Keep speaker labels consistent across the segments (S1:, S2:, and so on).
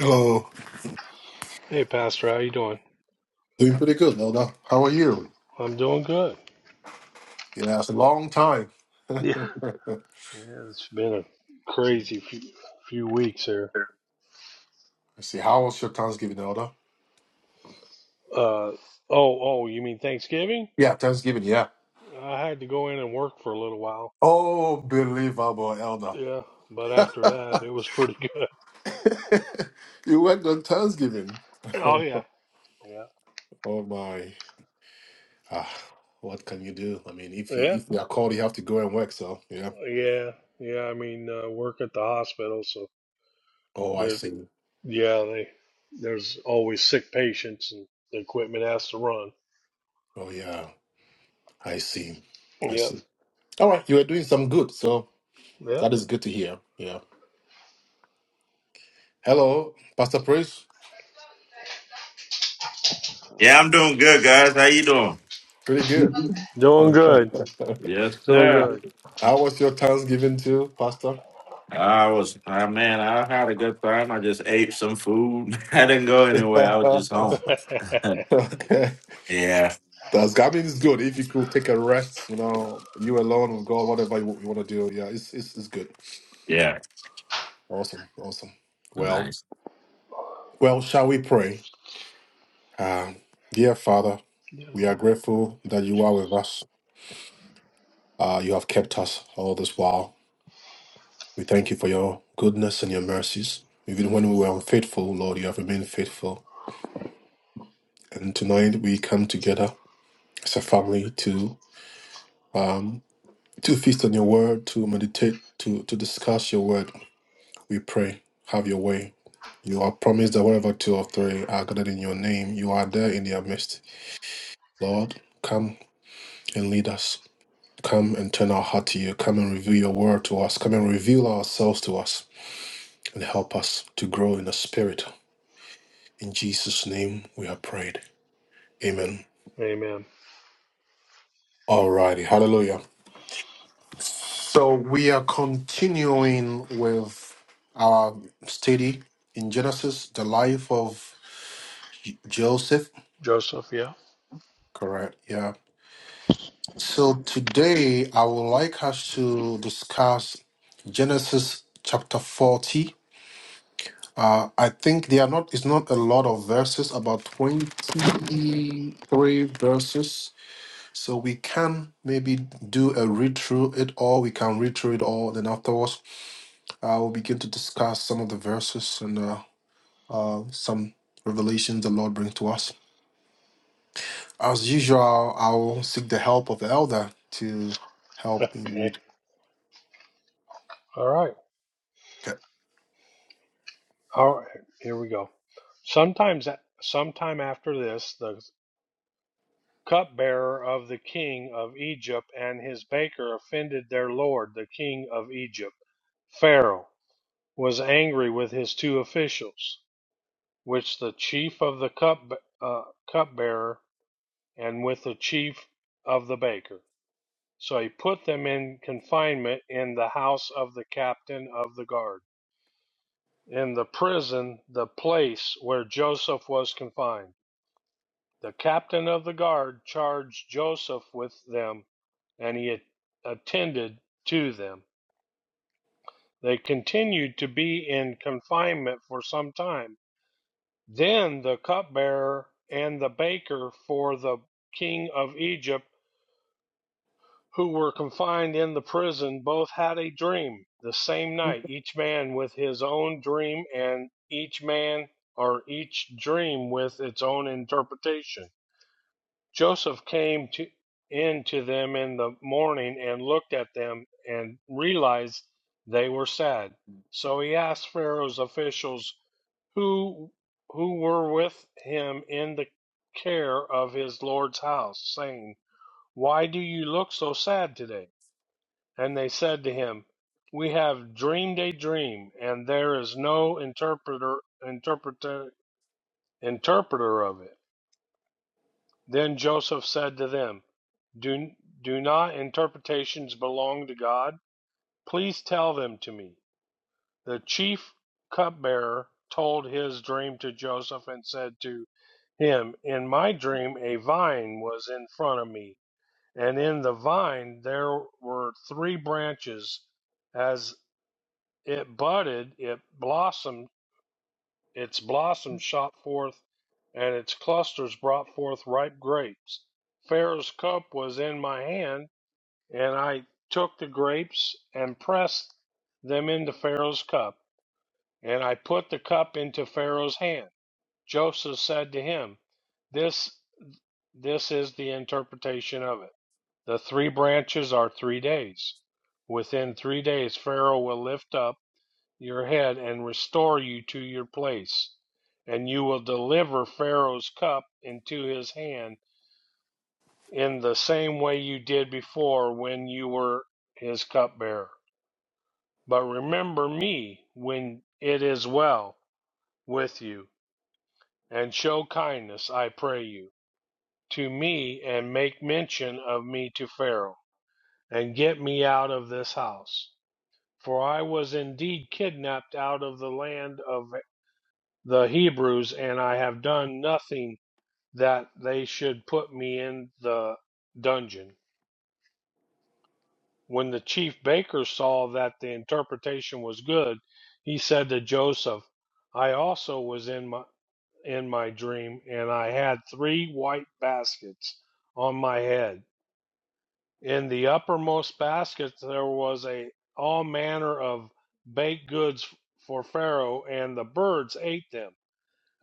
S1: Hello.
S2: Hey, Pastor, how you doing?
S1: Doing pretty good, Nelda. How are you?
S2: I'm doing good.
S1: Yeah, it's a long time.
S2: Yeah,
S1: Let's
S2: yeah it's been a crazy few, few weeks here.
S1: see, how was your Thanksgiving, Elder?
S2: Uh, oh, oh, you mean Thanksgiving?
S1: Yeah, Thanksgiving, yeah.
S2: I had to go in and work for a little while.
S1: Oh, believable, Elder.
S2: Yeah, but after that, it was pretty good.
S1: you went on Thanksgiving.
S2: Oh yeah, yeah,
S1: oh my. Ah, what can you do? I mean, if you
S2: yeah,
S1: if you are called, you have to go and work, so yeah.
S2: yeah, yeah. I mean, uh, work at the hospital, so
S1: Oh, I
S2: the
S1: see.
S2: yeah, they there's always sick patients, and the equipment has to run.
S1: Oh yeah, I see. I
S2: Yep,
S1: see. All right, you are doing some good, so
S2: yep.
S1: that is good to hear. Yeah. Hello, Pastor Praise.
S3: Yeah, I'm doing good, guys. How you doing?
S1: Pretty
S2: Doing
S1: good.
S2: good,
S3: Yes,
S2: doing
S3: sir.
S2: good.
S1: How was your Thanksgiving too, Pastor?
S3: I was, I man, I had a good time. I just ate some food. I didn't go anywhere.
S1: okay.
S3: I was just home. Yeah,
S1: That's, I mean, it's good. If you could take a rest, you know, you alone with God, whatever you, you want to do. Yeah, it's, it's, it's good.
S3: yeah,
S1: Awesome. Awesome. Well,
S3: nice.
S1: well, shall we pray? Um, dear Father, we are
S2: Yeah,
S1: grateful that you are with us. Uh, you have kept us all this while. We thank you for your goodness and your mercies. Even when we were unfaithful, Lord, you have remained faithful. And tonight we come together as a family to um, to feast on your word, to meditate, to, to discuss your word. We pray, have your way. You are promised that wherever two or three are gathered in your name, you are there in their midst. Lord, come and lead us. Come and turn our heart to you. Come and reveal your word to us. Come and reveal ourselves to us and help us to grow in the spirit. In Jesus' name we have prayed. Amen.
S2: Amen.
S1: Alrighty. Hallelujah. So we are continuing with our study in Genesis, the life of J- Joseph.
S2: Joseph, yeah.
S1: Correct. Yeah. So today I would like us to discuss Genesis chapter 40. Uh, I think they are not, it's not a lot of verses, about 23 verses. So we can maybe do a read through it all. We can read through it all. Then afterwards, Uh, we'll begin to discuss some of the verses and uh, uh, some revelations the Lord brings to us. As usual, I will seek the help of the elder to help me
S2: okay.
S1: read.
S2: All right.
S1: Okay.
S2: All right. Here we go. Sometimes, sometime after this, the cupbearer of the king of Egypt and his baker offended their lord, the king of Egypt. Pharaoh was angry with his two officials, which the chief of the cup uh, cupbearer and with the chief of the baker. So he put them in confinement in the house of the captain of the guard. In the prison, the place where Joseph was confined, the captain of the guard charged Joseph with them, and he attended to them. They continued to be in confinement for some time. Then the cupbearer and the baker for the king of Egypt who were confined in the prison both had a dream the same night, each man with his own dream, and each man or each dream with its own interpretation. Joseph came to, in to them in the morning and looked at them and realized they were sad. So he asked Pharaoh's officials who who were with him in the care of his lord's house, saying, Why do you look so sad today? And they said to him, We have dreamed a dream, and there is no interpreter, interpreter, interpreter of it. Then Joseph said to them, do, do not interpretations belong to God? Please tell them to me. The chief cupbearer told his dream to Joseph and said to him, In my dream, a vine was in front of me, and in the vine there were three branches, as It budded, it blossomed, its blossoms shot forth, and its clusters brought forth ripe grapes. Pharaoh's cup was in my hand, and I took the grapes and pressed them into Pharaoh's cup, and I put the cup into Pharaoh's hand. Joseph said to him, This this is the interpretation of it. The three branches are three days. Within three days, Pharaoh will lift up your head and restore you to your place, and you will deliver Pharaoh's cup into his hand in the same way you did before when you were his cupbearer. But remember me when it is well with you, and show kindness, I pray you, to me, and make mention of me to Pharaoh, and get me out of this house. For I was indeed kidnapped out of the land of the Hebrews, and I have done nothing that they should put me in the dungeon. When the chief baker saw that the interpretation was good, he said to Joseph, I also was in my in my dream, and I had three white baskets on my head. In the uppermost basket there was a all manner of baked goods for Pharaoh, and the birds ate them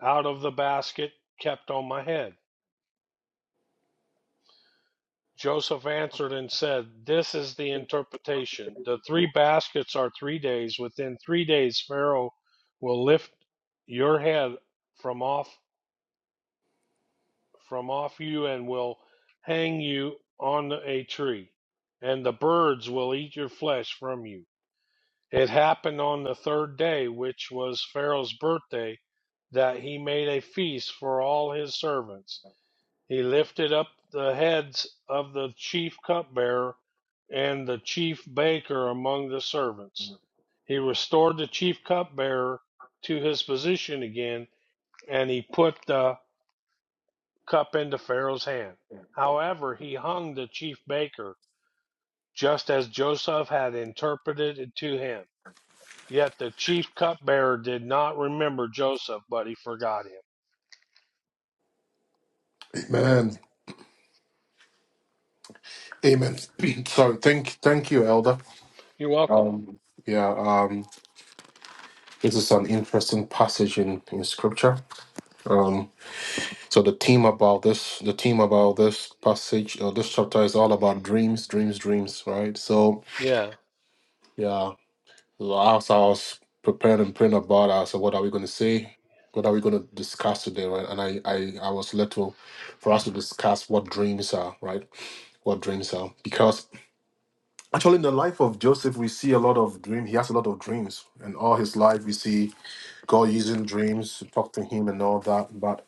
S2: out of the basket kept on my head. Joseph answered and said, This is the interpretation. The three baskets are three days. Within three days, Pharaoh will lift your head from off, from off you and will hang you on a tree, and the birds will eat your flesh from you. It happened on the third day, which was Pharaoh's birthday, that he made a feast for all his servants. He lifted up the heads of the chief cupbearer and the chief baker among the servants. He restored the chief cupbearer to his position again, and he put the cup into Pharaoh's hand. However, he hung the chief baker, just as Joseph had interpreted it to him. Yet the chief cupbearer did not remember Joseph, but he forgot him.
S1: Amen. Amen. Sorry. Thank, thank you, elder.
S2: You're welcome.
S1: Um, yeah. Um, this is an interesting passage in in scripture. Um, so the theme about this, the theme about this passage, uh, this chapter is all about dreams, dreams, dreams, right? So
S2: Yeah.
S1: yeah. Last I was preparing and praying about us. said, what are we going to say? What are we going to discuss today, right? And I, I, I was led to, for us to discuss what dreams are, right? What dreams are. Because actually in the life of Joseph, we see a lot of dreams. He has a lot of dreams. And all his life, we see God using dreams to talk to him and all that. But.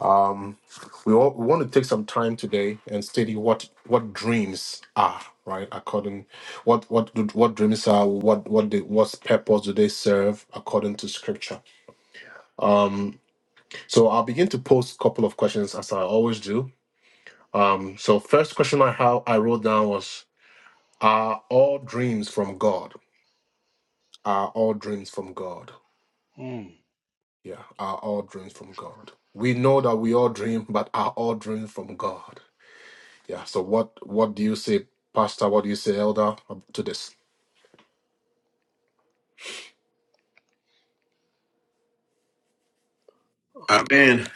S1: Um, we, all, we want to take some time today and study what what dreams are, right? According what what do- what dreams are, what what they, what purpose do they serve according to Scripture? Um, so I'll begin to post a couple of questions as I always do. Um, so first question I have, I wrote down was: Are all dreams from God? Are all dreams from God?
S2: Mm.
S1: Yeah, are all dreams from God? We know that we all dream, but are all dreams from God? Yeah. So what what do you say, Pastor? What do you say, Elder, um, to this?
S3: I mean,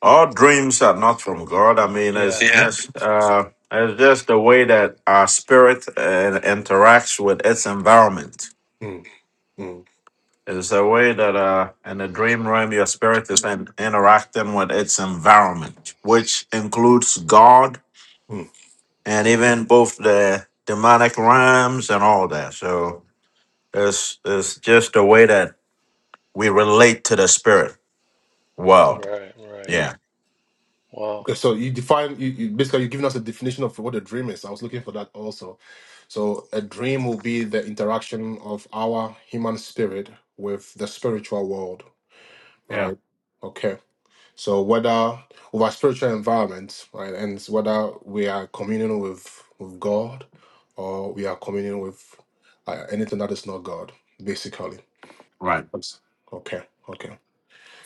S3: all dreams are not from God. I mean, it's
S2: Yeah.
S3: Yeah.
S1: Mhm.
S3: just, uh, it's just the way that our spirit uh, interacts with its environment.
S1: mm mm
S3: It's the way that, uh, in the dream realm, your spirit is in, interacting with its environment, which includes God
S1: mm.
S3: and even both the demonic rhymes and all that. So it's it's just a way that we relate to the spirit world.
S2: Right, right.
S3: Yeah.
S2: Wow.
S1: Okay. So you define you, you basically you're giving us a definition of what a dream is. I was looking for that also. So a dream will be the interaction of our human spirit with the spiritual world,
S3: Yeah.
S1: right? Okay. So whether with our spiritual environment, right, and it's whether we are communing with with God or we are communing with uh, anything that is not God, basically
S3: Right.
S1: Yes. Okay, okay.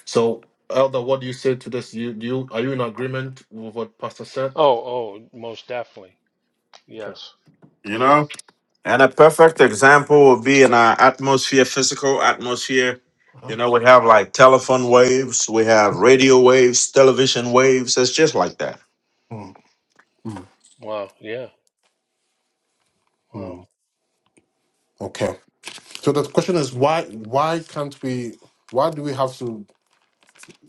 S1: So, Elder, what do you say to this? You, do you are you in agreement with what Pastor said?
S2: Oh, oh, most definitely.
S1: Okay,
S2: Yes.
S3: You
S1: okay.
S3: know? And a perfect example would be in our atmosphere, physical atmosphere.
S1: Uh-huh.
S3: You know, we have like telephone waves, we have radio waves, television waves. It's just like that.
S1: Mm, mm,
S2: Wow. Yeah. Wow.
S1: mm. Okay. So the question is why? Why can't we? Why do we have to?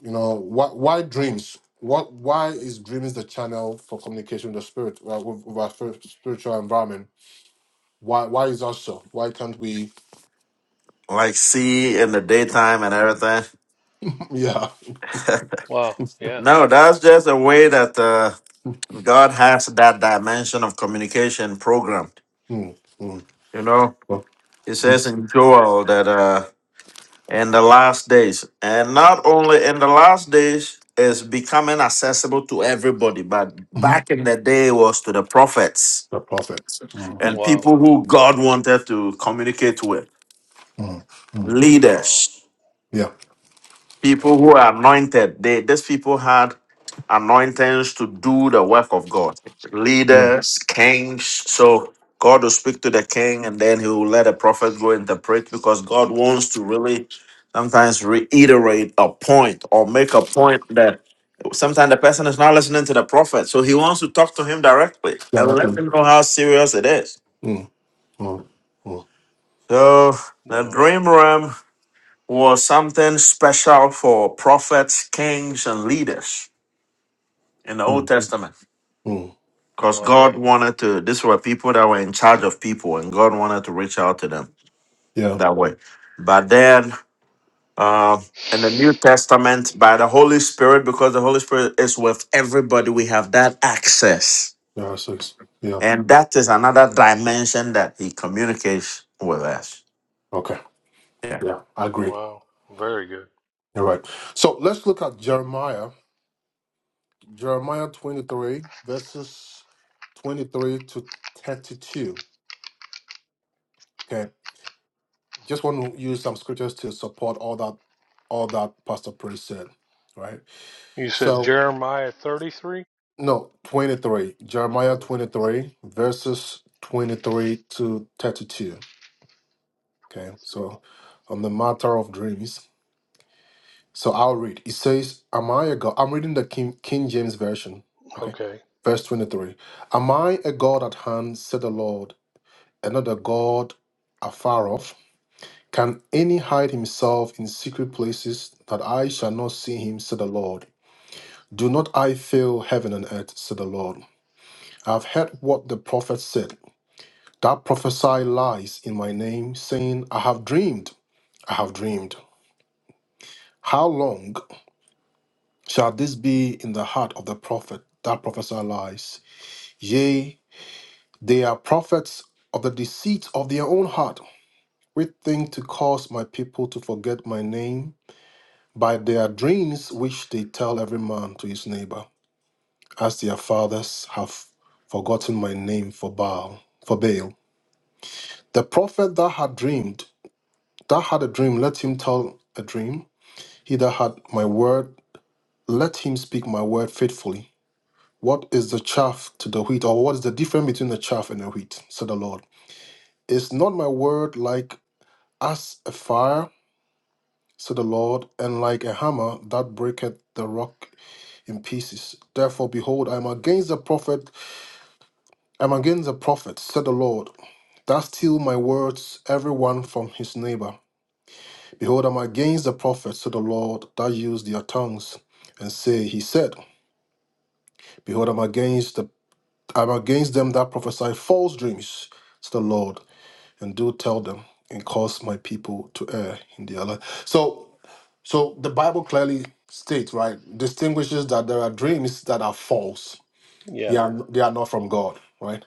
S1: You know, why? Why dreams? What? Why is dreams the channel for communication with the spirit, uh, with, with our spir- spiritual environment? Why? Why is that so? Why can't we?
S3: like see in the daytime and everything.
S1: Yeah.
S2: Wow. Yeah.
S3: no, that's just a way that uh, God has that dimension of communication programmed.
S1: Mm, mm.
S3: You know,
S1: Well,
S3: it says
S1: mm,
S3: in Joel that uh, in the last days, and not only in the last days, is becoming accessible to everybody, but
S1: mhm.
S3: back in the day it was to the prophets
S1: The prophet. Mm,
S3: and
S2: Wow.
S3: people who God wanted to communicate with,
S1: mm, mm.
S2: Wow.
S3: leaders.
S1: Yeah.
S3: People
S2: Wow.
S3: who are anointed, they these people had anointings to do the work of God.
S1: No.
S3: Leaders, kings. So God will speak to the king and then he will let a prophet go interpret because God wants to really sometimes reiterate a point or make a point that sometimes the person is not listening to the prophet. So he wants to talk to him directly
S1: Yeah,
S3: and
S1: right
S3: let
S1: there.
S3: him know how serious it is.
S1: Mm, mm, mm,
S3: So the
S2: Wow.
S3: dream realm was something special for prophets, kings, and leaders. in the Old
S1: mm,
S3: Testament.
S1: mm.
S3: Because
S2: Wow.
S3: God wanted to, these were people that were in charge of people, and God wanted to reach out to them
S1: Yeah,
S3: that way. But then uh, in the New Testament, by the Holy Spirit, because the Holy Spirit is with everybody, we have that access.
S1: yeah, six. Yeah,
S3: And that is another dimension that He communicates with us.
S1: okay.
S3: Yeah.
S1: Yeah, I agree.
S2: Wow. Very good.
S1: You're right. So let's look at Jeremiah, Jeremiah 23, verses 23 to 32. Okay, just want to use some scriptures to support all that, all that Pastor Priest said, right?
S2: You said
S1: So,
S2: Jeremiah 33?
S1: no, 23, Jeremiah
S2: 23.
S1: 23, verses 23 to 32. Okay, so
S2: 23.
S1: on the matter of dreams. So I'll read. It says, Am I a God? I'm reading the King, King James Version. Okay.
S2: Okay.
S1: Verse 23. Am I a God at hand, said the Lord, "Another God afar off? Can any hide himself in secret places that I shall not see him, said the Lord? Do not I fill heaven and earth, said the Lord. I have heard what the prophet said. That prophesy lies in my name, saying, I have dreamed, I have dreamed. How long? Shall this be in the heart of the prophet that prophesy lies? Yea, they are prophets of the deceit of their own heart, which think to cause my people to forget my name by their dreams which they tell every man to his neighbor, as their fathers have forgotten my name for Baal, for Baal. The prophet that had dreamed, that had a dream, let him tell a dream. He that had my word, let him speak my word faithfully. What is the chaff to the wheat, or what is the difference between the chaff and the wheat? said the Lord. Is not my word like as a fire, said the Lord, and like a hammer that breaketh the rock in pieces? Therefore, behold, I am against the prophet, I am against the prophet, said the Lord, that steal my words, every one from his neighbor. Behold, I am against the prophet, said the Lord, that use their tongues, and say, He said, Behold, I am against the I am against them that prophesy false dreams, said the Lord and do tell them and cause my people to err in their life. So, so the Bible clearly states, right, distinguishes that there are dreams that are false. They
S2: Yeah.
S1: are they are not from God, right?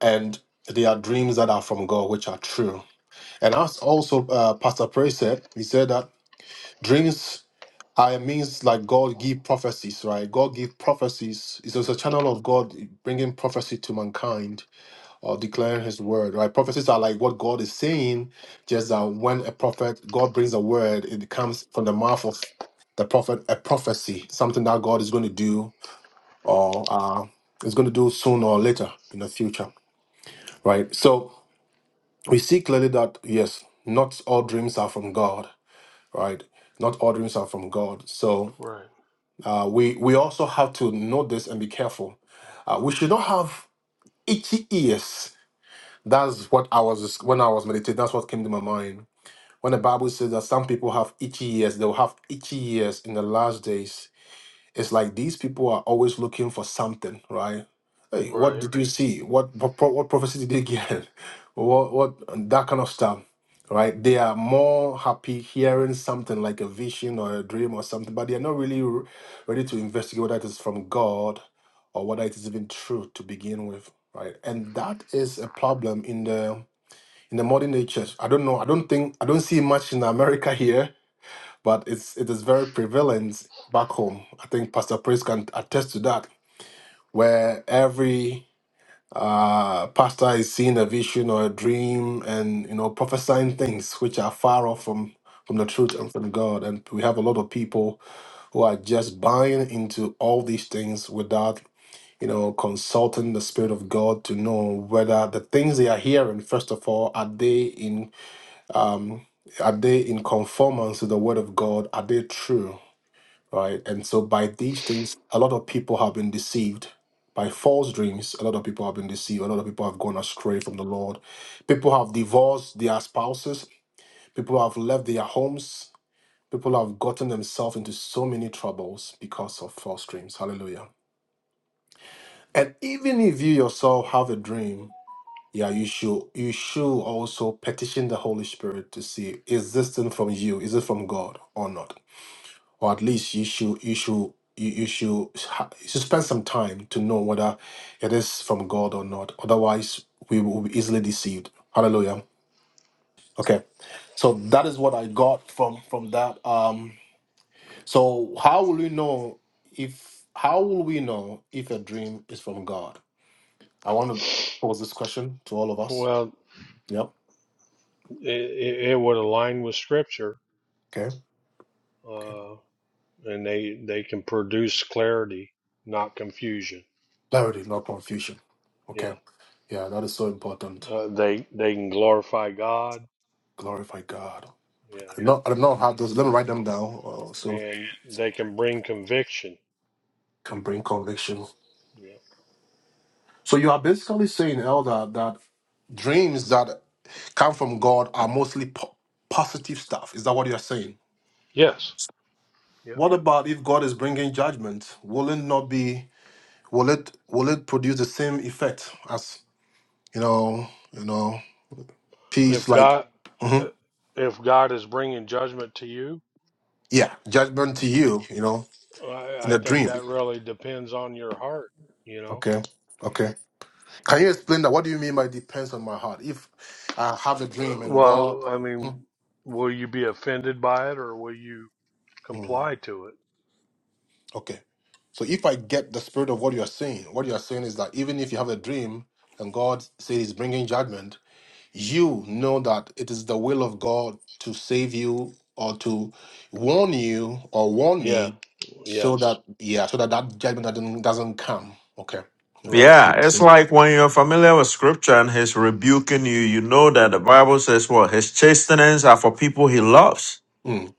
S1: And they are dreams that are from God, which are true. And as also uh, Pastor Prey said, he said that dreams are a means like God give prophecies, right? God give prophecies. It's just a channel of God bringing prophecy to mankind or declare his word, right? Prophecies are like what God is saying, just that when a prophet, God brings a word, it comes from the mouth of the prophet, a prophecy, something that God is going to do or uh, is going to do sooner or later in the future, right? So we see clearly that, yes, not all dreams are from God, right? Not all dreams are from God. So
S2: Right.
S1: uh, we, we also have to know this and be careful. Uh, we should not have itchy ears That's what I was when I was meditating. That's what came to my mind. When the Bible says that some people have itchy ears, they'll have itchy ears in the last days. It's like these people are always looking for something, right? Hey, what
S2: Right.
S1: did you see? What what, pro- what prophecy did you get? What what that kind of stuff, right? They are more happy hearing something like a vision or a dream or something, but they are not really re- ready to investigate whether it is from God or whether it is even true to begin with, right? And that is a problem in the in the modern day church. I don't know. I don't think I don't see much in America here, but it's it is very prevalent back home. I think Pastor Praise can attest to that, where every uh pastor is seeing a vision or a dream and you know prophesying things which are far off from from the truth and from God. And we have a lot of people who are just buying into all these things without you know consulting the spirit of God to know whether the things they are hearing, first of all, are they in um, are they in conformance to the word of God? Are they true? Right. And so by these things, a lot of people have been deceived by false dreams. A lot of people have been deceived. A lot of people have gone astray from the Lord. People have divorced their spouses. People have left their homes. People have gotten themselves into so many troubles because of false dreams. Hallelujah. And even if you yourself have a dream, Yeah, you should you should also petition the Holy Spirit to see is this thing from you? Is it from God or not? Or at least you should you should you, you should ha- you should spend some time to know whether it is from God or not. Otherwise, we will be easily deceived. Hallelujah. Okay, so that is what I got from from that. Um, so how will we know if how will we know if a dream is from God? I want to pose this question to all of us.
S2: Well,
S1: Yep.
S2: it, it, it would align with scripture,
S1: Okay. Okay.
S2: uh, and they they can produce clarity, not confusion.
S1: Clarity, not confusion. Okay.
S2: Yeah.
S1: Yeah, that is so important.
S2: Uh, they they can glorify God.
S1: Glorify God.
S2: Yeah.
S1: I do not, I do not have those. Let me write them down uh, so
S2: and they can bring conviction.
S1: can bring conviction.
S2: Yeah.
S1: So you are basically saying, Elder, that dreams that come from God are mostly po- positive stuff. Is that what you're saying?
S2: Yes. Yeah.
S1: What about if God is bringing judgment? Will it not be? Will it? Will it produce the same effect as you know? You know,
S2: If
S1: peace like,
S2: God, uh,
S1: Mhm.
S2: if God is bringing judgment to you,
S1: yeah, judgment to you. You know,
S2: I,
S1: in
S2: I
S1: a
S2: think
S1: dream.
S2: that really depends on your heart. You know.
S1: Okay. Okay. Can you explain that? What do you mean by depends on my heart? If I have a dream
S2: Uh,
S1: and God.
S2: Well, I mean,
S1: Mm,
S2: will you be offended by it or will you
S1: mm,
S2: comply to it?
S1: okay. So if I get the spirit of what you are saying, what you are saying is that even if you have a dream and God says He's bringing judgment, you know that it is the will of God to save you or to warn you or warn
S2: Yeah.
S1: me, so
S2: Yes.
S1: that yeah, so that that judgment doesn't doesn't come. Okay. Okay. I
S2: Right.
S1: see.
S3: Yeah,
S1: I
S3: it's
S1: see.
S3: like when you're familiar with scripture and he's rebuking you, you know that the Bible says, well, his chastenings are for people he loves.
S1: Mm,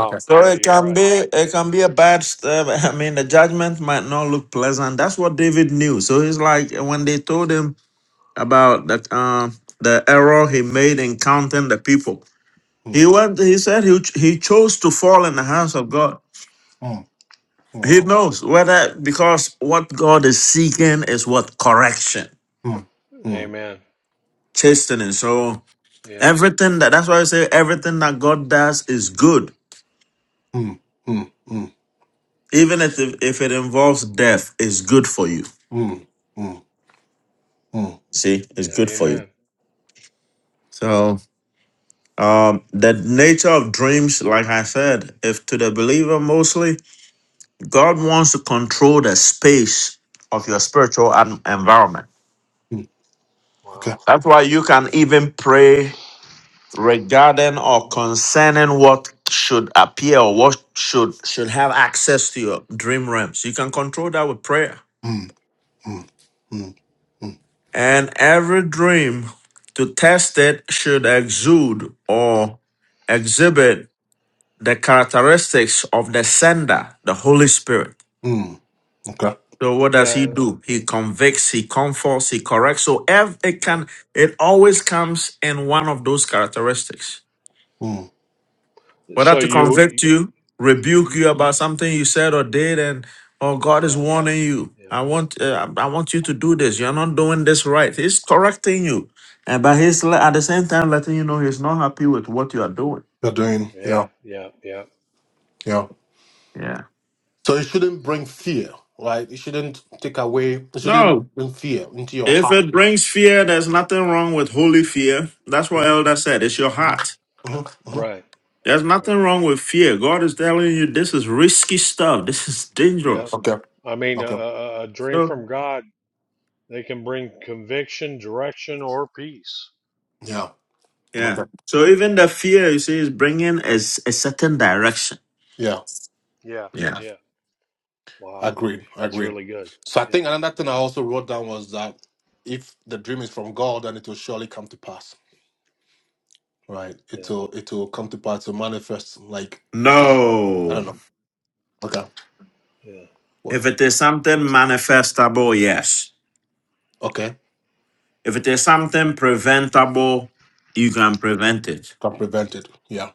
S1: okay.
S3: So
S2: Yeah,
S3: it
S2: you're
S3: can be
S2: right.
S3: it can be a bad step. I mean, the judgment might not look pleasant. That's what David knew. So he's like when they told him about that um the error he made in counting the people.
S1: Mm,
S3: He went. He said he ch- he chose to fall in the hands of God.
S1: mm, mm,
S3: He
S2: Wow.
S3: knows whether because what God is seeking is what correction,
S1: mm, mm.
S2: Amen.
S3: chastening. So
S2: Yeah.
S3: everything that that's why I say everything that God does is good,
S1: Mm, mm, mm,
S3: even if if it involves death, is good for you.
S1: mm, mm, mm,
S3: See, it's
S2: Yeah.
S3: good for you.
S2: Amen.
S3: So um, the nature of dreams, like I said, if to the believer mostly, God wants to control the space of your spiritual en- environment.
S1: mm.
S2: Wow.
S1: Okay.
S3: That's why you can even pray regarding or concerning what should appear or what should should have access to your dream realms. You can control that with prayer.
S1: Mm, mm, mm, mm,
S3: And every dream to test it should exude or exhibit the characteristics of the sender, the Holy Spirit.
S1: mm. Okay.
S3: So what does he
S2: Yeah.
S3: do? He convicts, he comforts, he corrects. So ev- it
S2: yeah.
S3: can, it always comes in one of those characteristics.
S1: Mm.
S3: Whether
S2: So
S3: to convict
S2: you,
S3: you, rebuke you
S2: you
S3: about something you said or did, and oh, God is
S2: yeah.
S3: warning you.
S2: Yeah.
S3: I want, uh, I want you to do this. You're not doing this right. He's correcting you, and but he's le- at the same time letting you know he's not happy with what you are doing.
S1: You're doing, yeah,
S2: Yeah, yeah, yeah.
S1: yeah.
S3: Yeah.
S1: So it shouldn't bring fear, right? It shouldn't take away, it shouldn't bring fear into your
S3: If
S1: heart.
S3: it brings fear, there's nothing wrong with holy fear. That's what
S1: Mm-hmm.
S3: Elder said. It's your heart.
S1: Mm-hmm. hmm
S2: Right,
S3: There's nothing
S2: right.
S3: wrong with fear. God is telling you this is risky stuff. This is
S2: Yeah.
S3: dangerous.
S1: Okay.
S2: I mean, a,
S1: Okay.
S2: a, a dream
S3: So
S2: from God, they can bring conviction, direction, or peace.
S1: Yeah.
S3: yeah.
S1: Okay.
S3: So even the fear you see is bringing a, s- a certain direction.
S1: Yeah.
S2: Yeah,
S3: Yeah.
S2: yeah. Wow.
S1: Agreed.
S2: That's
S1: Agreed.
S2: really good.
S1: So I
S2: Yeah,
S1: think another thing I also wrote down was that if the dream is from God, then it will surely come to pass. Right. It
S2: yeah,
S1: will it will come to pass. It will manifest like I don't
S3: No.
S1: know. Okay.
S2: yeah.
S1: What?
S3: If it is something manifestable, yes.
S1: Okay.
S3: If it is something preventable, you can prevent it.
S1: Can prevent it. Yeah.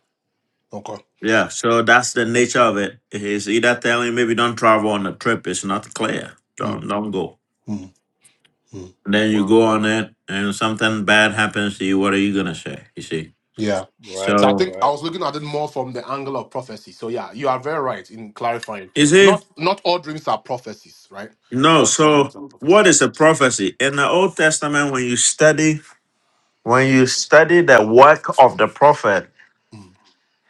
S1: Okay.
S3: Yeah, so that's the nature of it. It's either telling maybe don't travel on the trip. It's not clear.
S1: Mm,
S3: Don't don't go.
S1: mm, mm.
S3: And then you go
S2: Wow.
S3: on it, and something bad happens to you. What are you gonna say? You see.
S1: Yeah.
S2: Right,
S1: So I
S3: So
S1: think I
S2: right.
S1: was looking at it more from the angle of prophecy. So yeah, you are very right in clarifying.
S3: you see,
S1: Not not all dreams are prophecies, right?
S3: no.
S1: Not all dreams
S3: So
S1: are
S3: what
S1: prophecies.
S3: is a prophecy in the Old Testament? When you study, when you study the work of the prophet,
S1: Mm.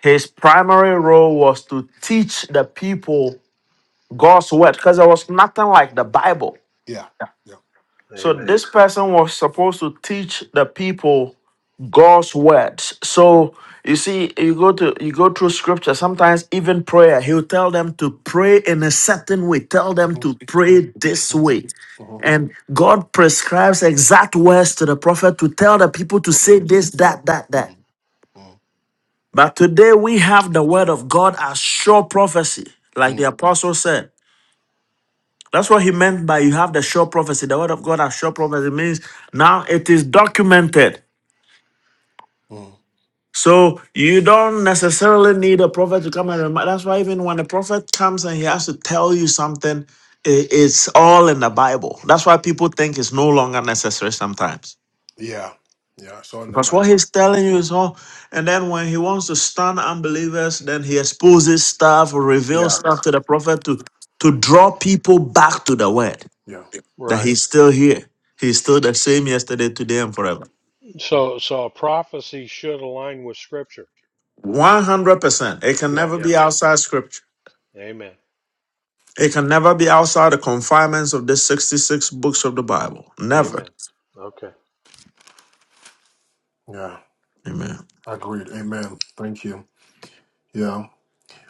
S3: his primary role was to teach the people God's word, because there was nothing like the Bible.
S1: Yeah. Yeah.
S3: So
S2: Amen.
S3: this person was supposed to teach the people God's words.
S1: Mm,
S3: So you see, you go to you go through scripture, sometimes even prayer, he'll tell them to pray in a certain way, tell them
S1: mhm,
S3: to
S1: mhm,
S3: pray this way.
S1: mhm, mhm.
S3: And God prescribes exact words to the prophet to tell the people to
S1: So I
S3: say this,
S1: so.
S3: that, that, that.
S1: Mm, mm,
S3: But today we have the word of God as sure prophecy, like the
S1: mm,
S3: apostle said. That's what he meant by you have the sure prophecy. The word of God as sure prophecy means now it is documented.
S1: mm.
S3: So you don't necessarily need a prophet to come and remind. That's why even when a prophet comes and he has to tell you something, i- it's all in the Bible. That's why
S1: mm,
S3: people think it's no longer necessary sometimes.
S1: Yeah. Yeah. So in the
S3: Because
S1: Bible.
S3: what he's
S1: So,
S3: telling you is all, and then when he wants to stun unbelievers, then he exposes stuff or reveals
S1: Yeah.
S3: stuff to the prophet to, to draw people back to the word
S1: Yeah.
S3: that
S2: Right.
S3: he's still here. He's still the same yesterday, today, and forever.
S1: mm.
S2: So, so a prophecy should align with Scripture.
S3: 100%. It can
S1: Yeah.
S3: never
S2: Yep.
S3: be outside scripture.
S2: Amen.
S3: It can never be outside the confinements of the 66 books of the Bible. Never.
S2: Amen. Okay.
S1: Yeah.
S3: Amen.
S1: Agreed. Amen. Thank you. Yeah.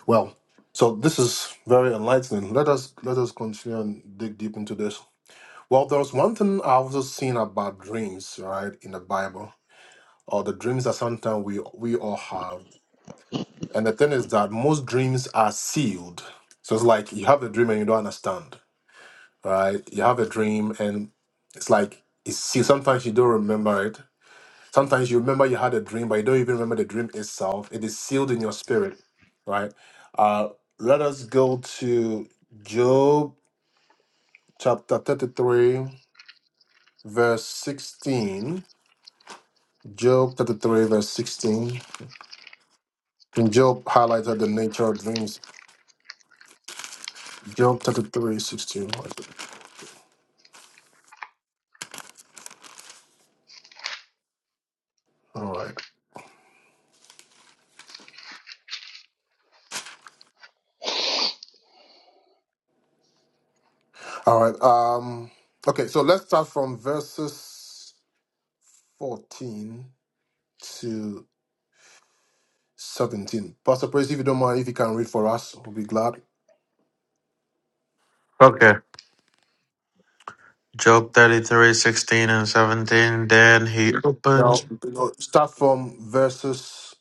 S1: Well, so this is very enlightening. Let us let us continue and dig deep into this. Well, there's one thing I've also seen about dreams, right, in the Bible, or the dreams that sometimes we we all have. And the thing is that most dreams are sealed. So it's like you have a dream and you don't understand, right? You have a dream and it's like it's sealed. Sometimes you don't remember it Sometimes you remember you had a dream, but you don't even remember the dream itself. It is sealed in your spirit, right? Uh, let us go to Job chapter 33, verse 16. Job 33, verse 16. And Job highlighted the nature of dreams. Job 33, 16. All right. All right. Um, okay, so let's start from verses 14 to 17. Pastor Praise, if you don't mind, if you can read for us, we'll be glad.
S3: Job 33 16 and 17. Then he
S1: Now,
S3: opens
S1: you know, start from verses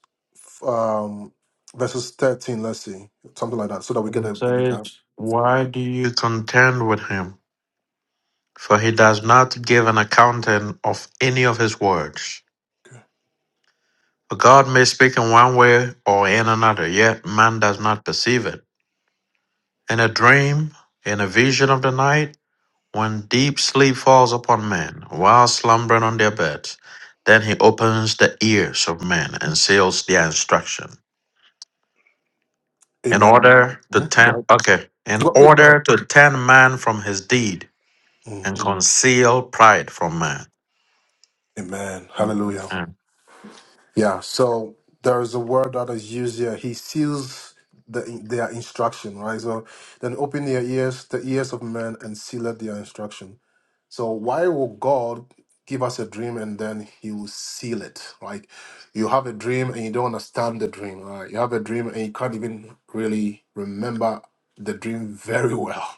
S1: um verses 13, let's see. Something like that, so that we get a,
S3: and
S1: a
S3: says,
S1: bigger
S3: Why do you contend with him? For he does not give an accounting of any of his words.
S1: okay.
S3: For God may speak in one way or in another, yet man does not perceive it. In a dream, in a vision of the night, When deep sleep falls upon men, while slumbering on their beds, then he opens the ears of men and seals their instruction. In
S1: Amen.
S3: order to
S1: Yeah, Go
S3: turn
S1: ahead.
S3: okay, in
S1: Go, please go ahead.
S3: order to turn man from his deed
S1: Mm.
S3: and conceal pride from man.
S1: Amen. Hallelujah.
S3: Mm.
S1: Yeah, so there is a word that is used here. He seals the, their instruction, right? So then open their ears, the ears of men, and seal their instruction. So why will God give us a dream and then He will seal it? Like you have a dream and you don't understand the dream. Right? You have a dream and you can't even really remember the dream very well.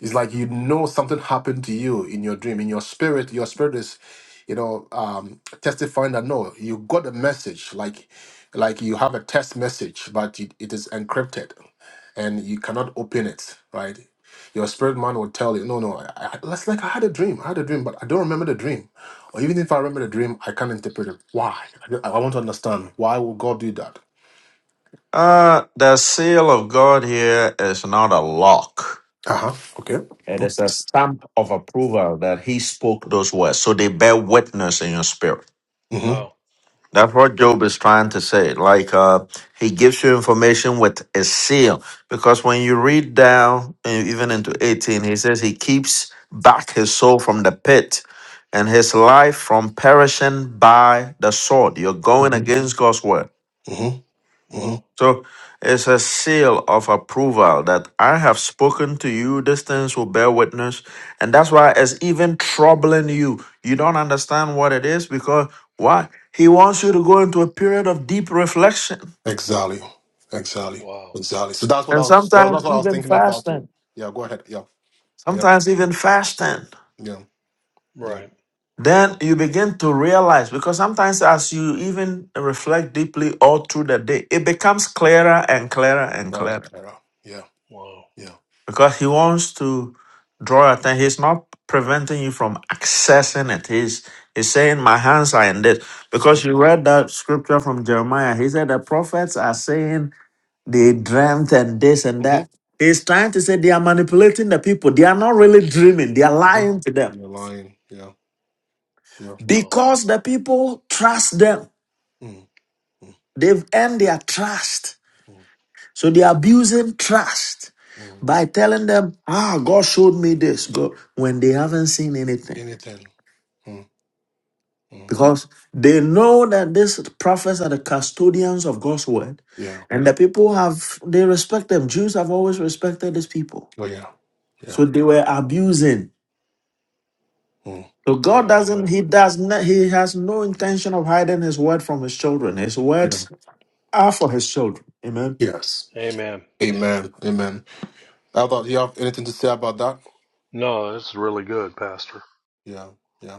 S1: It's like you know something happened to you in your dream, in your spirit. Your spirit is, you know, um, testifying that no, you got a message. Like, like you have a test message, but it, it is encrypted, and you cannot open it. Right? Your spirit man will tell you, no, no. I, I, that's like I had a dream. I had a dream, but I don't remember the dream. Or even if I remember the dream, I can't interpret it. Why? I, don't- I want to understand why would God do that?
S3: Uh, the seal of God here is not a lock.
S1: Uh huh. Okay.
S3: It
S1: Mm-hmm.
S3: is a stamp of approval that he spoke those words. So they bear witness in your spirit.
S1: Mm-hmm.
S2: Wow.
S3: That's what Job is trying to say. Like uh, he gives you information with a seal, because when you read down uh, even into eighteen, he says he keeps back his soul from the pit, and his life from perishing by the sword. You're going
S1: Mm-hmm.
S3: against God's word.
S1: Mm-hmm.
S2: Wow.
S3: So it's a seal of approval that I have spoken to you, these things will bear witness. And that's why it's even troubling you. You don't understand what it is because why? He wants you to go into a period of deep reflection
S1: Exactly. Exactly.
S2: Wow.
S1: Exactly. So that's what I
S3: and
S1: was well, that's
S3: sometimes
S1: what I was
S3: even
S1: thinking about too.
S3: fasting.
S1: Yeah, go ahead. Yeah. Yeah.
S3: Sometimes even fasting.
S1: Yeah. Yeah.
S2: Right.
S3: Then you begin to realize because sometimes as you even reflect deeply all through the day, it becomes clearer and clearer and
S1: Clara and
S3: clearer.
S1: Clara. Yeah.
S2: Wow.
S1: Yeah.
S3: because he wants to draw attention. He's not preventing you from accessing it. He's he's saying, "My hands are in this." Because
S1: Mm-hmm.
S3: you read that scripture from Jeremiah, he said the prophets are saying they dreamt and this and that.
S1: Mm-hmm.
S3: He's trying to say they are manipulating the people. They are not really dreaming. They are
S1: hmm
S3: lying to them
S1: You're lying. Yeah. Yeah.
S2: Wow.
S3: because the people trust them.
S1: mm mm
S3: They've earned their trust,
S1: mm
S3: so they are abusing trust
S1: mm.
S3: by telling them, "Ah, God showed me this." God, when they haven't seen anything.
S1: Anything. mm mm.
S3: because they know that these prophets are the custodians of God's word,
S1: Yeah.
S3: and the people have they respect them. Jews have always respected these people,
S1: Oh yeah. Yeah.
S3: so they were abusing.
S1: Mm.
S3: So God
S2: Man, oh
S3: doesn't
S2: man.
S3: he does not he has no intention of hiding his word from his children. His
S1: Yeah.
S3: words are for his children. Amen.
S1: Yes.
S2: Amen. Yep.
S1: Amen. Amen. How about you have anything to say about that?
S2: No, it's really good, Pastor.
S1: Yeah. Yeah.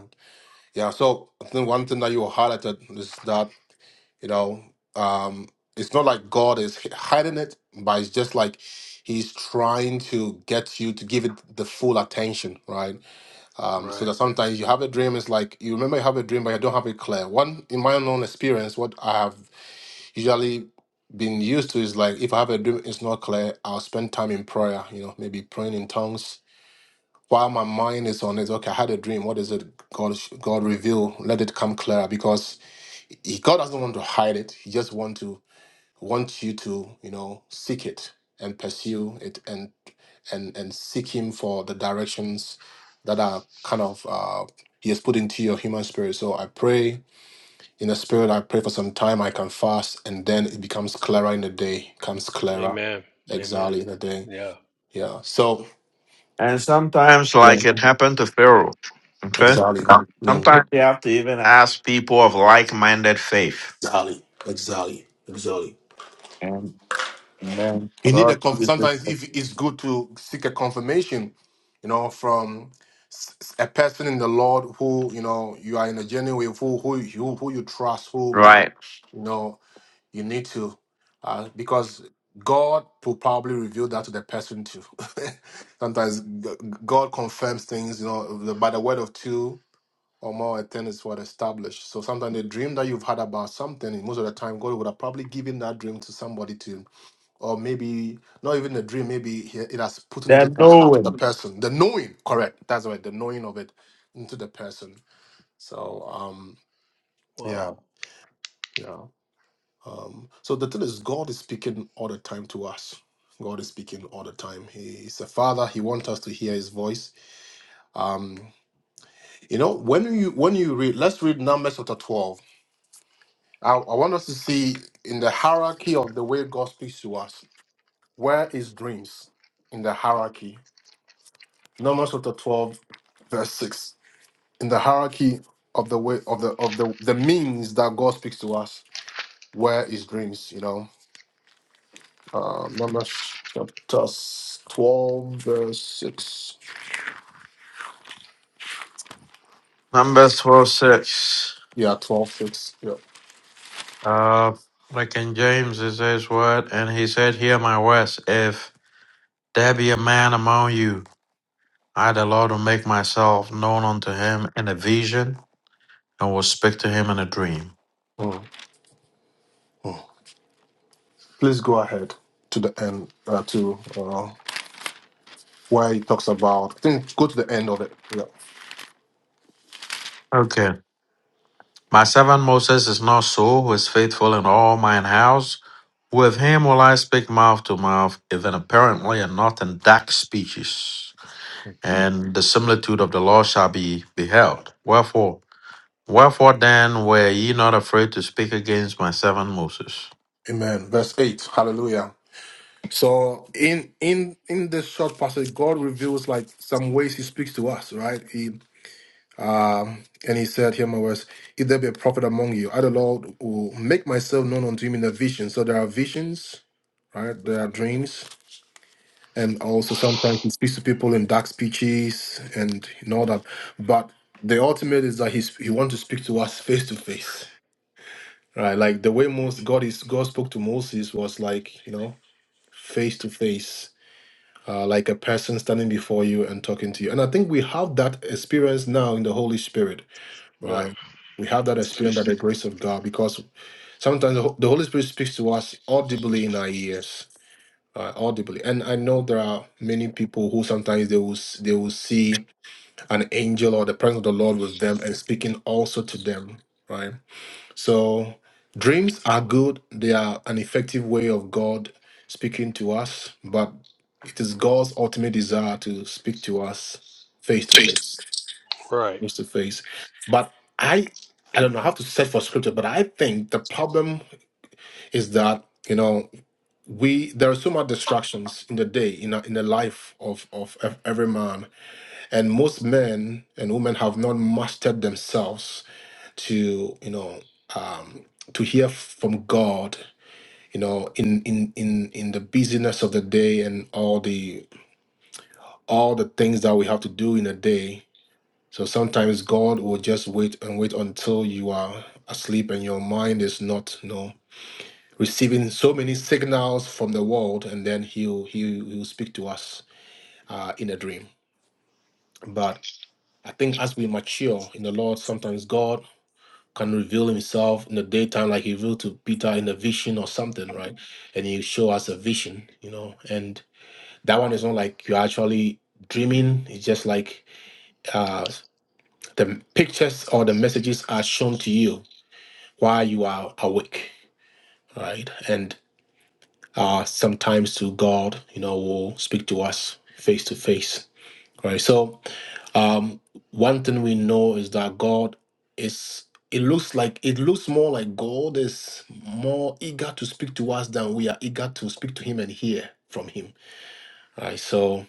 S1: Yeah, so I think one thing that you highlighted is that, you know, um, it's not like God is h- hiding it, but it's just like He's trying to get you to give it the full attention, right? Um, so
S2: Right.
S1: that sometimes you have a dream, it's like you remember you have a dream, but you don't have it clear. One, in my own experience, what I have usually been used to is like if I have a dream, it's not clear, I'll spend time in prayer, you know, maybe praying in tongues while my mind is on it, okay, I had a dream. What is it? God, God reveal. Let it come clearer because he, God doesn't want to hide it. He just want to want you to, you know, seek it and pursue it and and and seek Him for the directions that are kind of uh, He has put into your human spirit. So I pray in the spirit. I pray for some time. I can fast, and then it becomes clearer in the day. Comes clearer,
S2: Amen. Amen.
S1: exactly in the day.
S2: Yeah.
S1: Yeah. So
S3: And sometimes,
S1: yeah.
S3: like it happened to Pharaoh, okay.
S1: exactly. Yeah.
S3: Sometimes you have to even ask people of like-minded faith,
S1: Exactly. Exactly. Exactly.
S3: and then
S1: You need a
S3: God
S1: conf-
S3: uses
S1: sometimes if it's good to seek a confirmation, you know, from s- s- a person in the Lord who you know you are in a journey with, who who you who you trust, who
S3: right.
S1: you know you need to, uh, because God will probably reveal that to the person too. sometimes g- God confirms things, you know, the- by the word of two or more tennis were established. So sometimes the dream that you've had about something, and most of the time God would have probably given that dream to somebody to, or maybe not even a dream, maybe he- it has put into
S3: They're
S1: the heart of
S3: knowing.
S1: the person. The knowing, correct. That's right, the knowing of it into the person. So um
S2: Wow.
S1: yeah, yeah. Um so the thing is God is speaking all the time to us. God is speaking all the time. He is a father. He wants us to hear his voice. Um, you know, when you when you read, let's read Numbers chapter 12 I, I want us to see in the hierarchy of the way God speaks to us, where is dreams in the hierarchy? Numbers chapter 12, verse 6. In the hierarchy of the way of the of the, the means that God speaks to us, where is dreams? You know, uh, Numbers chapter 12, verse 6.
S3: Numbers 12 6.
S1: Yeah, twelve six. Yeah.
S3: Uh, like in James, it says, What? And he said, Hear my words. If there be a man among you, I, the Lord, will make myself known unto him in a vision and will speak to him in a dream.
S1: Mm. Please go ahead to the end, uh, to uh, where he talks about, I think go to the end of it. Yeah.
S3: Okay. My servant Moses is not so, who is faithful in all mine house. With him will I speak mouth to mouth, even apparently and not in dark speeches. And the similitude of the law shall be beheld. Wherefore, Wherefore then were ye not afraid to speak against my servant Moses?
S1: Amen. Verse 8. Hallelujah. So in in in this short passage, God reveals like some ways He speaks to us, right? He um, and He said, "Hear my words: If there be a prophet among you, I the Lord will make myself known unto him in a vision." So there are visions, right? There are dreams, and also sometimes He speaks to people in dark speeches and and all that. But the ultimate is that He He wants to speak to us face to face, right? Like the way most God is God spoke to Moses was like you know face to face uh, like a person standing before you and talking to you. And I think we have that experience now in the Holy Spirit,
S2: Yeah.
S1: right? We have that experience by the grace of God because sometimes the Ho- the Holy Spirit speaks to us audibly in our ears. Uh, audibly, and I know there are many people who sometimes they will s- they will see an angel or the presence of the Lord with them and speaking also to them, right? So dreams are good. They are an effective way of God speaking to us, but it is God's ultimate desire to speak to us face to face,
S2: Right.
S1: face to face. But I I don't know how to search for scripture, but I think the problem is that you know we there are so much distractions in the day in a, in the life of of ev- every man and most men and women have not mastered themselves to you know um, to hear from God you know in in in in the busyness of the day and all the all the things that we have to do in a day so sometimes God will just wait and wait until you are asleep and your mind is not you know receiving so many signals from the world and then he'll he'll, he'll speak to us uh, in a dream but I think as we mature in the Lord, sometimes God can reveal himself in the daytime like he revealed to peter in a vision or something right and he show us a vision you know and that one is not like you're actually dreaming it's just like uh the pictures or the messages are shown to you while you are awake right and uh sometimes to god you know will speak to us face to face right so Um, one thing we know is that God is. It looks like it looks more like God is more eager to speak to us than we are eager to speak to Him and hear from Him. Right. So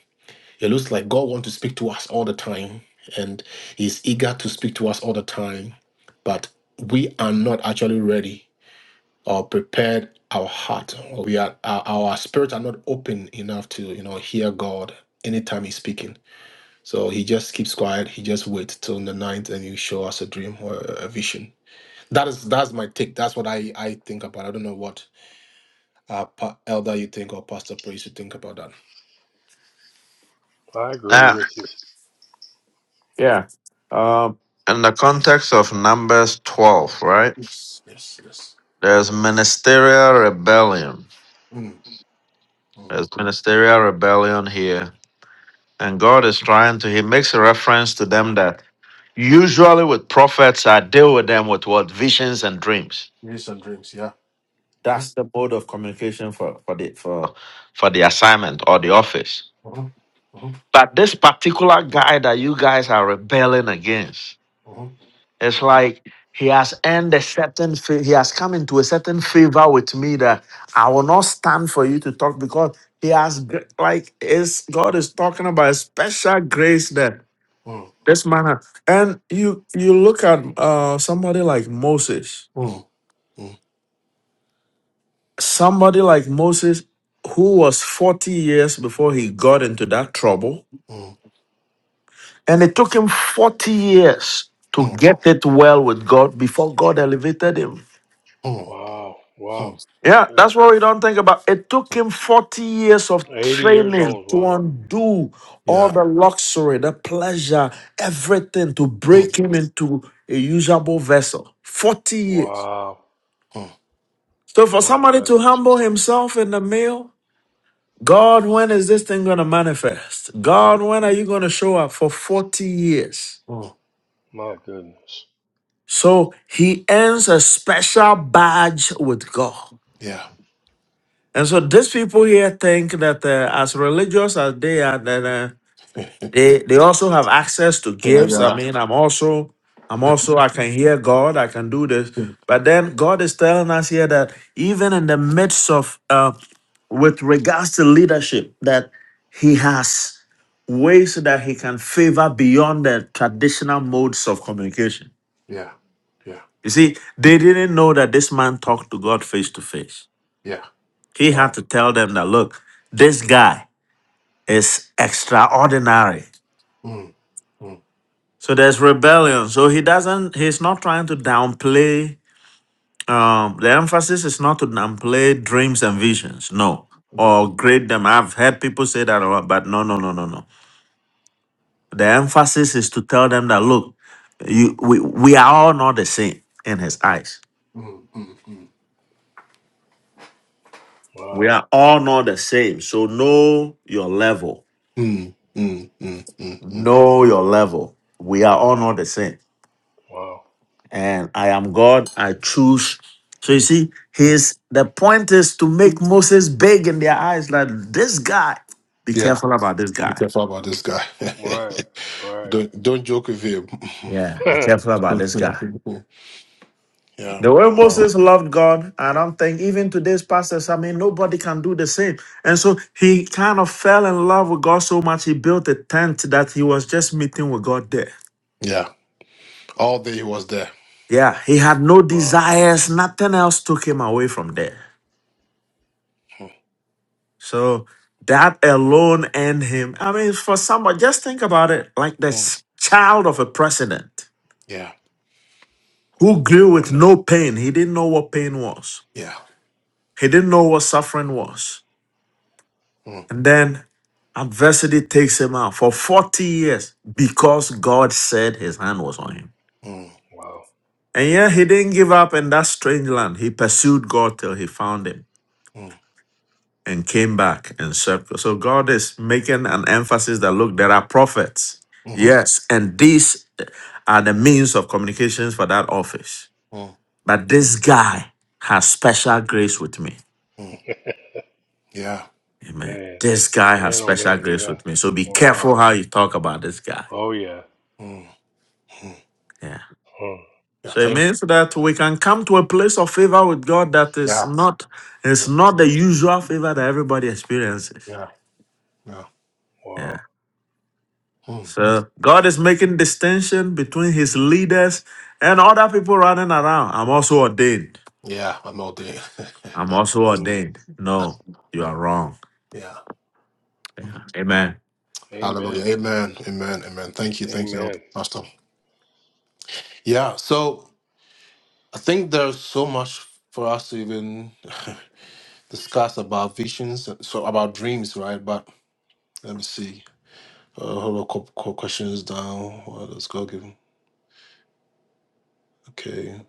S1: it looks like God wants to speak to us all the time, and He's eager to speak to us all the time, but we are not actually ready or prepared. Our heart, or we are our, our spirit are not open enough to you know hear God anytime He's speaking. So he just keeps quiet. He just waits till the night, and you show us a dream or a a vision. That is that's my take. That's what I I think about. I don't know what uh pa- elder you think or pastor praise you think about that.
S2: I agree
S3: Now,
S2: with you.
S3: Yeah. Um, in the context of Numbers 12, right?
S1: Yes, yes, yes.
S3: There's ministerial rebellion.
S1: Mm, mm.
S3: There's ministerial rebellion here. And God is trying to, he makes a reference to them that usually with prophets, I deal with them with what? Visions and dreams.
S1: Visions and dreams. Yeah. Uh-huh.
S3: That's the mode of communication for, for the for for the assignment or the office.
S1: Uh-huh. Uh-huh.
S3: But this particular guy that you guys are rebelling against,
S1: Uh-huh.
S3: it's like he has earned a certain, fa- he has come into a certain favor with me that I will not stand for you to talk because he has, gr- like, is God is talking about a special grace that
S1: Mm,
S3: this man has. And you, you look at uh, somebody like Moses,
S1: mm, mm,
S3: somebody like Moses who was 40 years before he got into that trouble
S1: mm,
S3: And it took him 40 years to
S1: mm,
S3: get it well with God before God elevated him.
S1: mm,
S2: Wow. Wow.
S1: mm.
S3: Yeah,
S2: Yeah.
S3: that's what we don't think about. It took him 40 years of
S2: 80 years
S3: training
S2: old.
S3: to
S2: Wow.
S3: undo all
S1: Yeah.
S3: the luxury, the pleasure, everything to break
S1: Mm,
S3: him into a usable vessel. 40 years.
S2: Wow.
S1: mm,
S3: So for
S2: My
S3: somebody to
S2: goodness.
S3: humble himself in the meal, God, when is this thing going to manifest? God, when are you going to show up for 40 years?
S1: mm.
S2: My goodness.
S3: So he earns a special badge with God.
S1: Yeah.
S3: And so these people here think that uh, as religious as they are, then uh, they they also have access to gifts. I
S1: Yeah.
S3: mean, I'm also I'm
S1: Yeah.
S3: also I can hear God. I can do this. But then God is telling us here that even in the midst of uh, with regards to leadership, that He has ways that He can favor beyond the traditional modes of communication.
S1: Yeah. Yeah.
S3: You see, they didn't know that this man talked to God face to face.
S1: Yeah.
S3: He
S1: Yeah.
S3: had
S2: Wow.
S3: to tell them that, look, this guy is extraordinary.
S1: Mm, mm,
S3: So there's rebellion. So he doesn't, he's not trying to downplay, um, the emphasis is not to downplay dreams and visions, no,
S1: mm,
S3: or grade them. I've heard people say that, a lot, but no, no, no, no, no. The emphasis is to tell them that, look, you, we, we are all not the same in his eyes.
S1: mm, mm, mm.
S3: We
S2: Wow.
S3: are all not the same. So know your level
S1: Mm, mm, mm, mm, mm.
S3: Know your level. We are all
S2: Wow.
S3: not the same.
S2: Wow.
S3: And I am God. I choose. So you see, his the point is to make Moses big in their eyes, like this guy. Be
S1: Yeah,
S3: careful about this
S1: be
S3: guy.
S1: careful about this guy.
S2: Right. Right.
S1: don't don't joke with him.
S3: Yeah, be careful about this guy.
S1: yeah,
S3: The way
S2: wow.
S3: Moses loved God, I don't think even today's pastors, I mean, nobody can do the same. And so he kind of fell in love with God so much, he built a tent that he was just meeting with God there.
S1: yeah. All day he was there.
S3: Yeah, he had no
S2: Wow.
S3: desires, nothing else took him away from there.
S1: Mm,
S3: So that alone and him. I mean, for someone, just think about it like this
S1: mm,
S3: child of a president
S1: Yeah,
S3: who
S2: Yeah,
S3: grew with
S2: man.
S3: no pain. He didn't know what pain was,
S1: yeah.
S3: he didn't know what suffering was.
S1: Mm,
S3: And then adversity takes him out for 40 years because God said his hand was on him.
S1: mm,
S2: Wow.
S3: And yeah, he didn't give up in that strange land. He pursued God till he found him.
S1: mm,
S3: and came back and served. So God is making an emphasis that look, there are prophets.
S1: mhm,
S3: Yes, and these are the means of communications for that office.
S1: mm,
S3: But this guy has special grace with me.
S1: mm. Yeah.
S3: Amen.
S2: Man.
S3: This guy has
S2: Man, oh
S3: special
S2: man.
S3: grace
S2: Yeah.
S3: with me. So be careful
S2: Wow.
S3: how you talk about this guy.
S2: Oh yeah.
S1: Mm, mm.
S3: Yeah.
S2: Huh.
S1: Yeah.
S3: So it
S1: Thank.
S3: means that we can come to a place of favor with God that is
S1: Yeah.
S3: not it's not the usual favor that everybody experiences.
S1: Yeah. Yeah.
S3: Yeah.
S2: Wow.
S1: Mm.
S3: So God is making distinction between his leaders and other people running around. I'm also ordained.
S1: Yeah. I'm all day.
S3: I'm also
S2: Mm.
S3: ordained. No, you are wrong.
S1: yeah.
S3: Yeah.
S1: Mm.
S3: Amen.
S1: Hallelujah.
S2: Amen.
S1: Amen. Amen. Amen. Thank you. Thank you,
S2: Amen.
S1: Pastor. Yeah. So. I think there's so much for us to even discuss about visions, so about dreams, right? But let me see. Uh, hold on, couple, couple questions down. What else God given? Okay.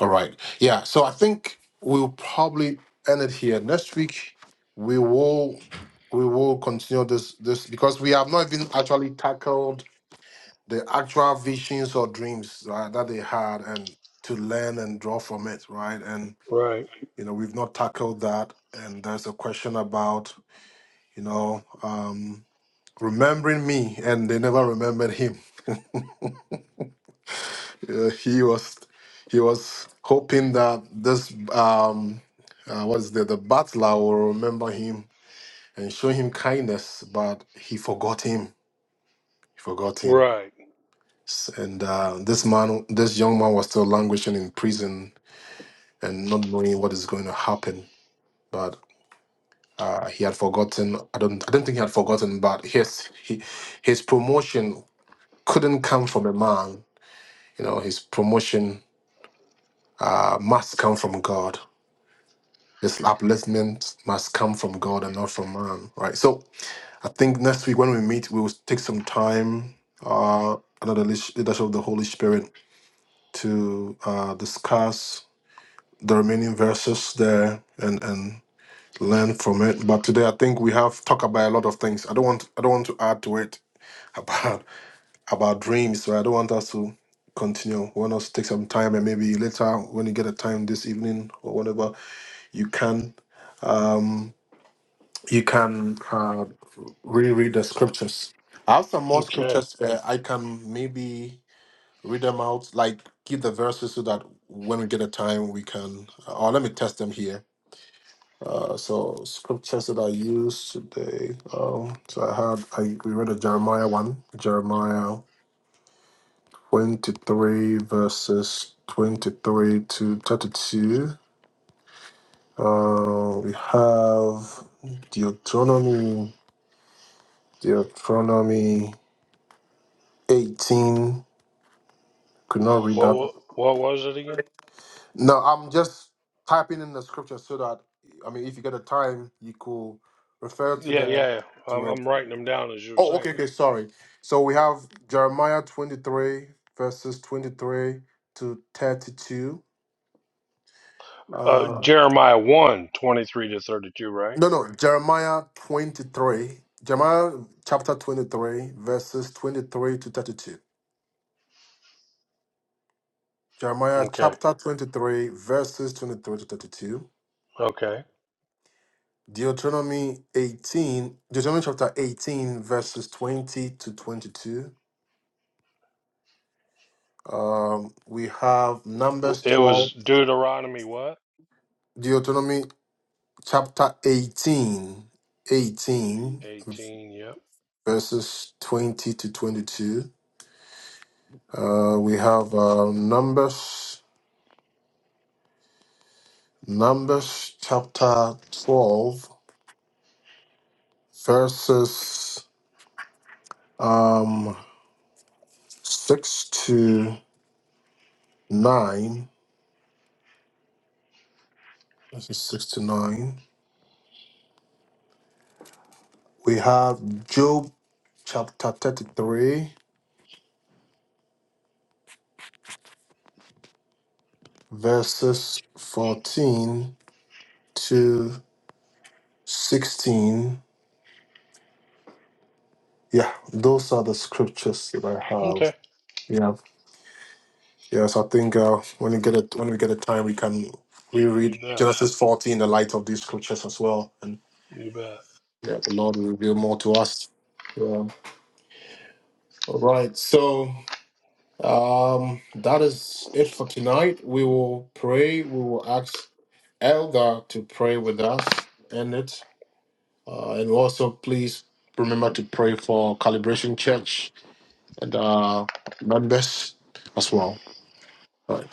S1: All right. Yeah. So I think we'll probably end it here. Next week, we will we will continue this this because we have not even actually tackled the actual visions or dreams right, that they had and to learn and draw from it, right? And
S2: Right.
S1: You know, we've not tackled that. And there's a question about, you know, um, remembering me, and they never remembered him. Uh, he was he was hoping that this um, uh, what is the the butler will remember him and show him kindness, but he forgot him. He forgot him.
S2: Right.
S1: S- And uh, this man, this young man, was still languishing in prison and not knowing what is going to happen. But Uh, he had forgotten. I don't. I don't think he had forgotten. But his he, his promotion couldn't come from a man. You know, his promotion uh, must come from God. His upliftment must come from God and not from man. Right. So I think next week when we meet, we will take some time uh, under the leash- leadership of the Holy Spirit to uh, discuss the remaining verses there and and learn from it. But today I think we have talked about a lot of things. I don't want I don't want to add to it about about dreams. So I don't want us to continue. I want us to take some time and maybe later when you get a time this evening or whenever you can um you can uh reread the scriptures. I have some more
S2: Okay.
S1: scriptures where I can maybe read them out, like give the verses so that when we get a time we can uh, or let me test them here. Uh, so scriptures that I used today. Um, so I had I we read a Jeremiah one, Jeremiah 23 verses 23 to 32. Uh, we have Deuteronomy, Deuteronomy 18. Could not read
S2: What
S1: that.
S2: wa- what was it again?
S1: No, I'm just typing in the scripture so that, I mean, if you get the time, you could refer to
S2: Yeah,
S1: the.
S2: yeah. yeah. I'm,
S1: To it.
S2: I'm writing them down as you're
S1: Oh, okay,
S2: saying.
S1: okay, sorry. So we have Jeremiah 23, verses 23 to 32.
S2: Uh,
S1: Um,
S2: Jeremiah one 23 to 32, right?
S1: No, no, Jeremiah 23, Jeremiah chapter 23, verses 23 to 32. Jeremiah
S2: Okay.
S1: chapter 23, verses 23 to 32.
S2: Okay.
S1: Deuteronomy 18, Deuteronomy chapter 18, verses 20 to 22. Um, we have
S2: W-
S1: Numbers
S2: It was
S1: 12,
S2: Deuteronomy what?
S1: Deuteronomy chapter 18,
S2: Eight,
S1: 18,
S2: 18. Yep.
S1: verses 20 to 22. Uh, we have uh, Numbers. Numbers chapter 12, verses um, 6 to 9. Verses 6 to 9. We have Job chapter 33, verses 14 to 16. Yeah, those are the scriptures that I have.
S2: Okay.
S1: Yeah. Yes, I think uh, when we get a, when we get a time, we can
S2: You
S1: reread
S2: bet.
S1: Genesis 14 in the light of these scriptures as well.
S2: You bet.
S1: Yeah, the Lord will reveal more to us. Yeah. All right. So um that is it for tonight. We will pray. We will ask Elgar to pray with us in it. Uh, and also please remember to pray for Calibration Church and uh members as well. All right.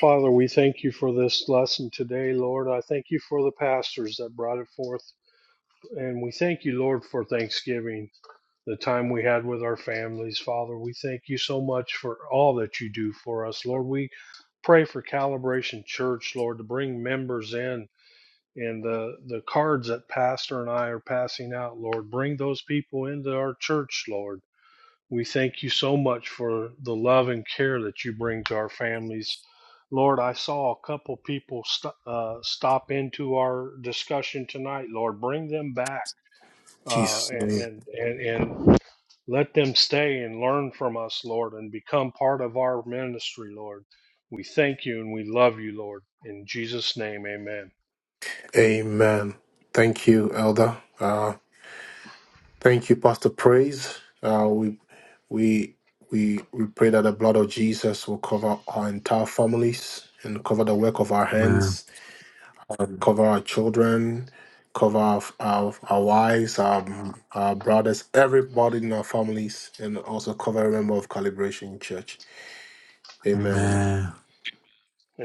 S2: Father, we thank you for this lesson today, Lord. I thank you for the pastors that brought it forth And we thank you, Lord, for Thanksgiving, the time we had with our families. Father, we thank you so much for all that you do for us. Lord, we pray for Calibration Church, Lord, to bring members in and the, the cards that Pastor and I are passing out, Lord, bring those people into our church, Lord. We thank you so much for the love and care that you bring to our families. Lord, I saw a couple people st- uh, stop into our discussion tonight, Lord. Bring them back uh,
S1: Jesus.
S2: and,
S1: name.
S2: and and and let them stay and learn from us, Lord, and become part of our ministry, Lord. We thank you and we love you, Lord. In Jesus' name, Amen.
S1: Amen. Thank you, Elder. Uh, thank you, Pastor Praise. Uh, we we we we pray that the blood of Jesus will cover our entire families and cover the work of our
S3: Amen.
S1: hands, Amen. cover our children, cover our our, our wives, our, our brothers, everybody in our families, and also cover every member of Calibration Church. Amen.
S3: Amen.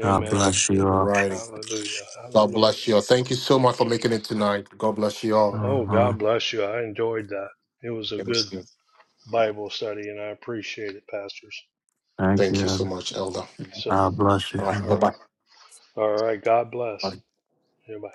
S3: God,
S1: All right.
S2: Hallelujah.
S1: God
S2: Hallelujah.
S1: bless you all. Thank you so much for making it tonight. God bless you all.
S2: Oh,
S3: uh-huh.
S2: God bless you. I enjoyed that. It was a
S1: Thank
S2: good
S1: you
S2: Bible study, and I appreciate it, pastors.
S3: Thank
S1: Thank you so
S3: you.
S1: much, Elder.
S2: So,
S3: God bless
S1: All
S3: you.
S1: right. Bye
S2: all right,
S1: bye.
S2: all right. God bless. Everybody.